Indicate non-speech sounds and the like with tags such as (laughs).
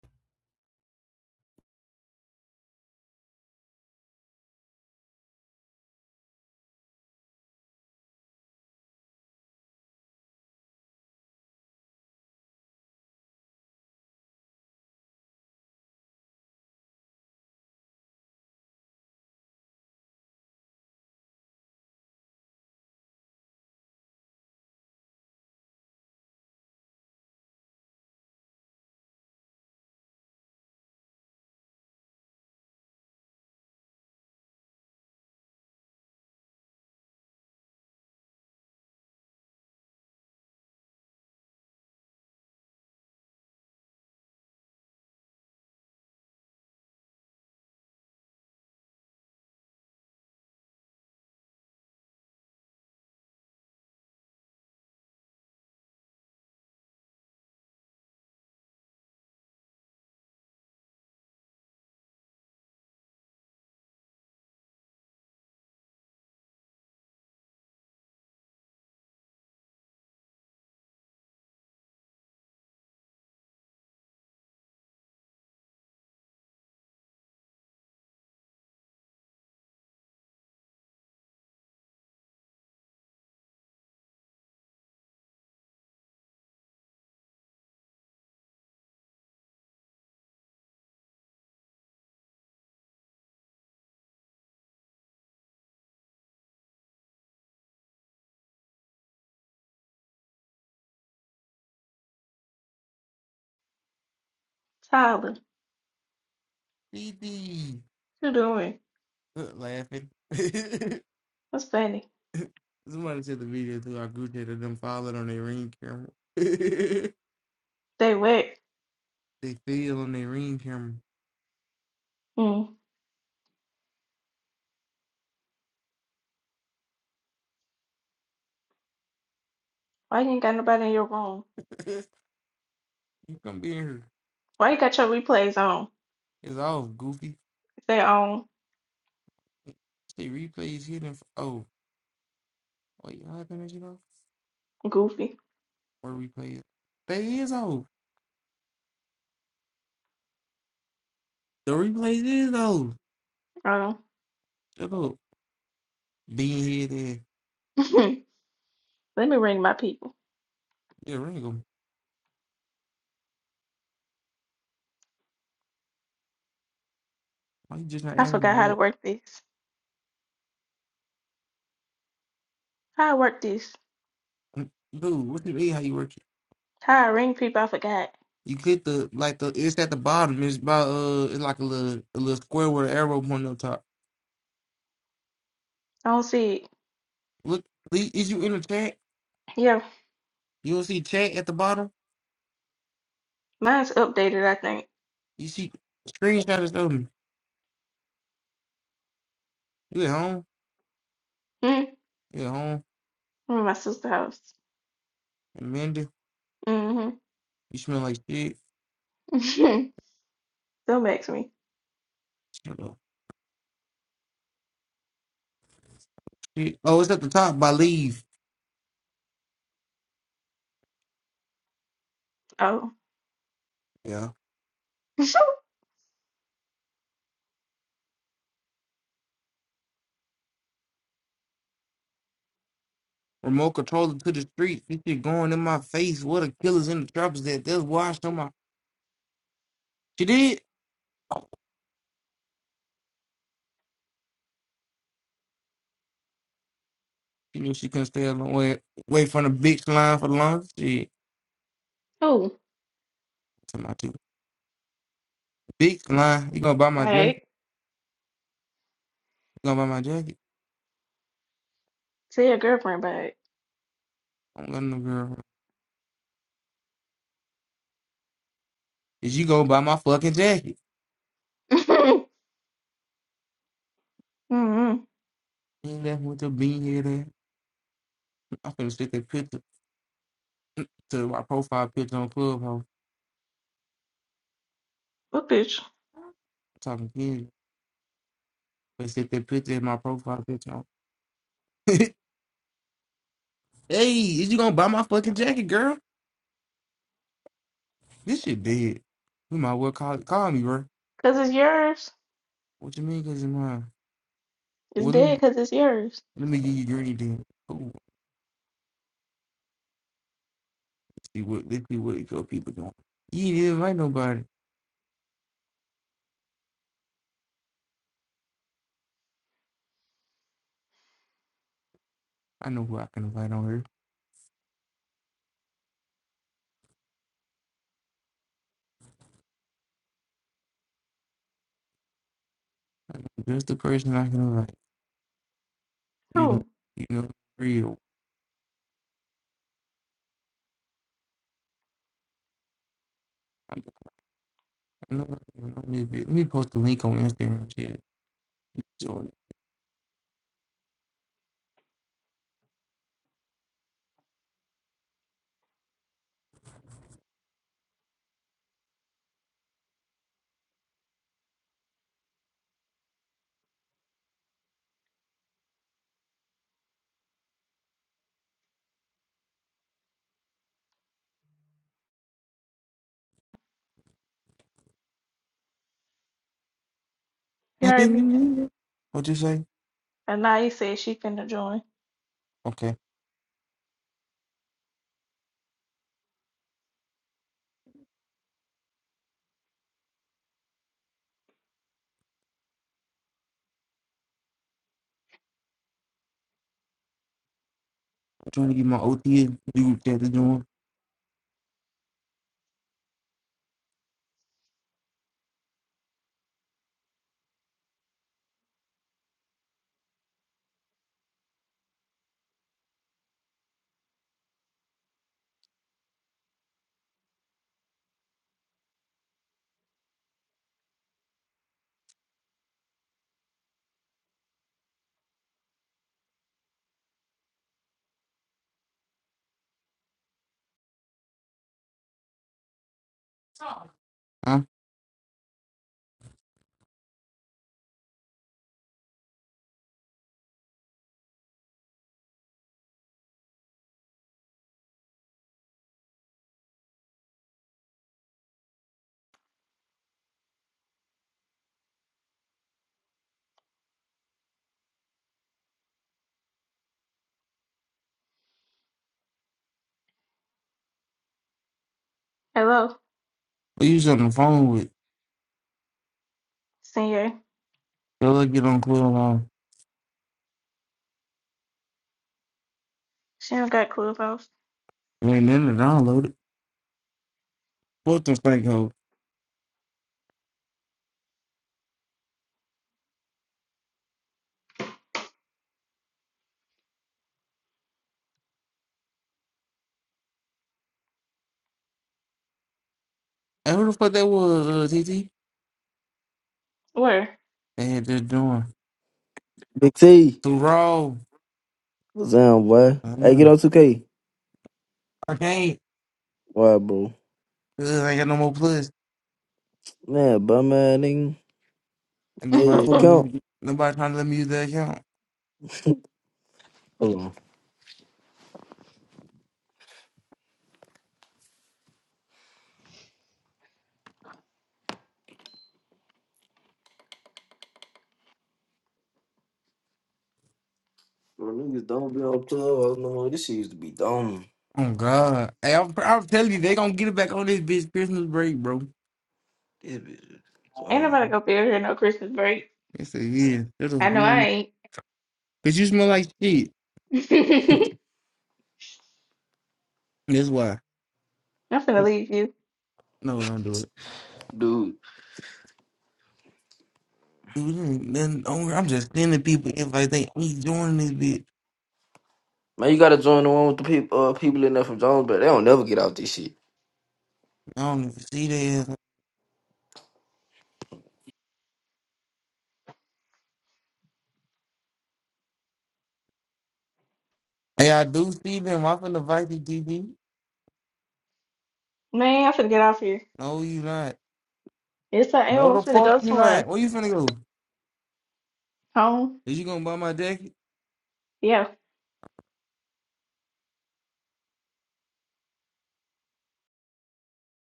Tyler, PD, you doing? Look, laughing. (laughs) What's funny? Somebody said the video to our group chat of them falling on their ring camera. (laughs) they They wet. feel on their ring camera. Mm. Why you ain't got nobody in your room? (laughs) you come be here. Why you got your replays on? It's all goofy. If they on, Say replays hidden. For, oh, wait, how can I get off? goofy. Or replays? They is off. The replays is off. Um, Shut up. Being here, there. (laughs) let me ring my people. Yeah, Ringo. Why you just not I forgot adding how to that? work this. How I work this? Mm, Dude, what do you mean how you work How I ring people? I forgot. You click the like the it's at the bottom. It's by uh it's like a little a little square with an arrow pointing up top. I don't see it. Look, Lee, is you in the chat? Yeah, You don't see chat at the bottom. mine's updated. I think. You see screenshot is me. You at home? Mm. You at home? I'm in my sister's house. Amanda, Mm-hmm. you smell like shit. (laughs) Don't ask me. Shut up. Shit. Oh, it's at the top by leave. Oh. Yeah. (laughs) Remote controller to the street. This shit going in my face. What a killer's in the trappers at. That's washed on my. She did. Oh, she knew she couldn't stay alone. Wait, wait for the bitch line for the longest. Shit. oh. All Tell my two. Big line. You gonna buy my jacket? right. You gonna buy my jacket? Tell your girlfriend about it. I don't got no girl. Is you gonna buy my fucking jacket? (laughs) mm-hmm. You ain't left with the bean head ass. I'm finna stick that picture to my profile picture on Clubhouse. What bitch? I'm talking to you. But stick that picture in my profile picture on. (laughs) hey, is you gonna buy my fucking jacket, girl? This shit dead. You might well call, call me, bro. Cause it's yours. What you mean, cause it's mine? It's Well, let me, dead cause it's yours. let me give you green then. Ooh, see what, let's see what your people doing. You ain't invite nobody. I know who I can invite on here. Just the person I can like. You know, Who? you know, real. I know, I know this bitch. Let me post the link on Instagram. Shit. Jordan. You I heard think let me? me- What you say? Anaya said she finna join. Okay, I'm trying to get my OTA dude that is doing. Huh? I Hello, use on the phone with. senior. They'll let get on clear along. She don't got clubhouse. It ain't in the download. it. What the fuck? hoe? Hey, who the fuck that was, uh, T. T? Where? They had this doing. Big T, Too raw. what's down, boy? I Hey, get know. on 2K. I can't. Why, bro? 'Cause I ain't got no more plus. Man, bum man, nigga. (laughs) And ain't Hey, nobody's what trying to count? let me, Nobody's trying to let me use that account. Hold on. Bro, niggas don't be on club no more. This shit used to be dumb. Oh God! Hey, I'm, I'm telling you, they gonna get it back on this bitch Christmas break, bro. This bitch. nobody Um, gonna be over here no Christmas break. It's a yeah. That's a, you I know I know, ain't. cause you smell like shit. (laughs) That's why. I'm finna Uh, leave you. No, don't do it. dude, Dude, then do I'm just sending people if I think we joining this bitch. man, you gotta join the one with the people, uh, people in there from Jones, but they don't never get out this shit. I don't even see their ass. Hey, I do see them. I'm finna invite you, DB. Man, I'm finna get off here. No, you not. It's like am. No, I'm the finna fuck go you not. somewhere. Where you finna go? Home. Is you gonna buy my jacket? Yeah.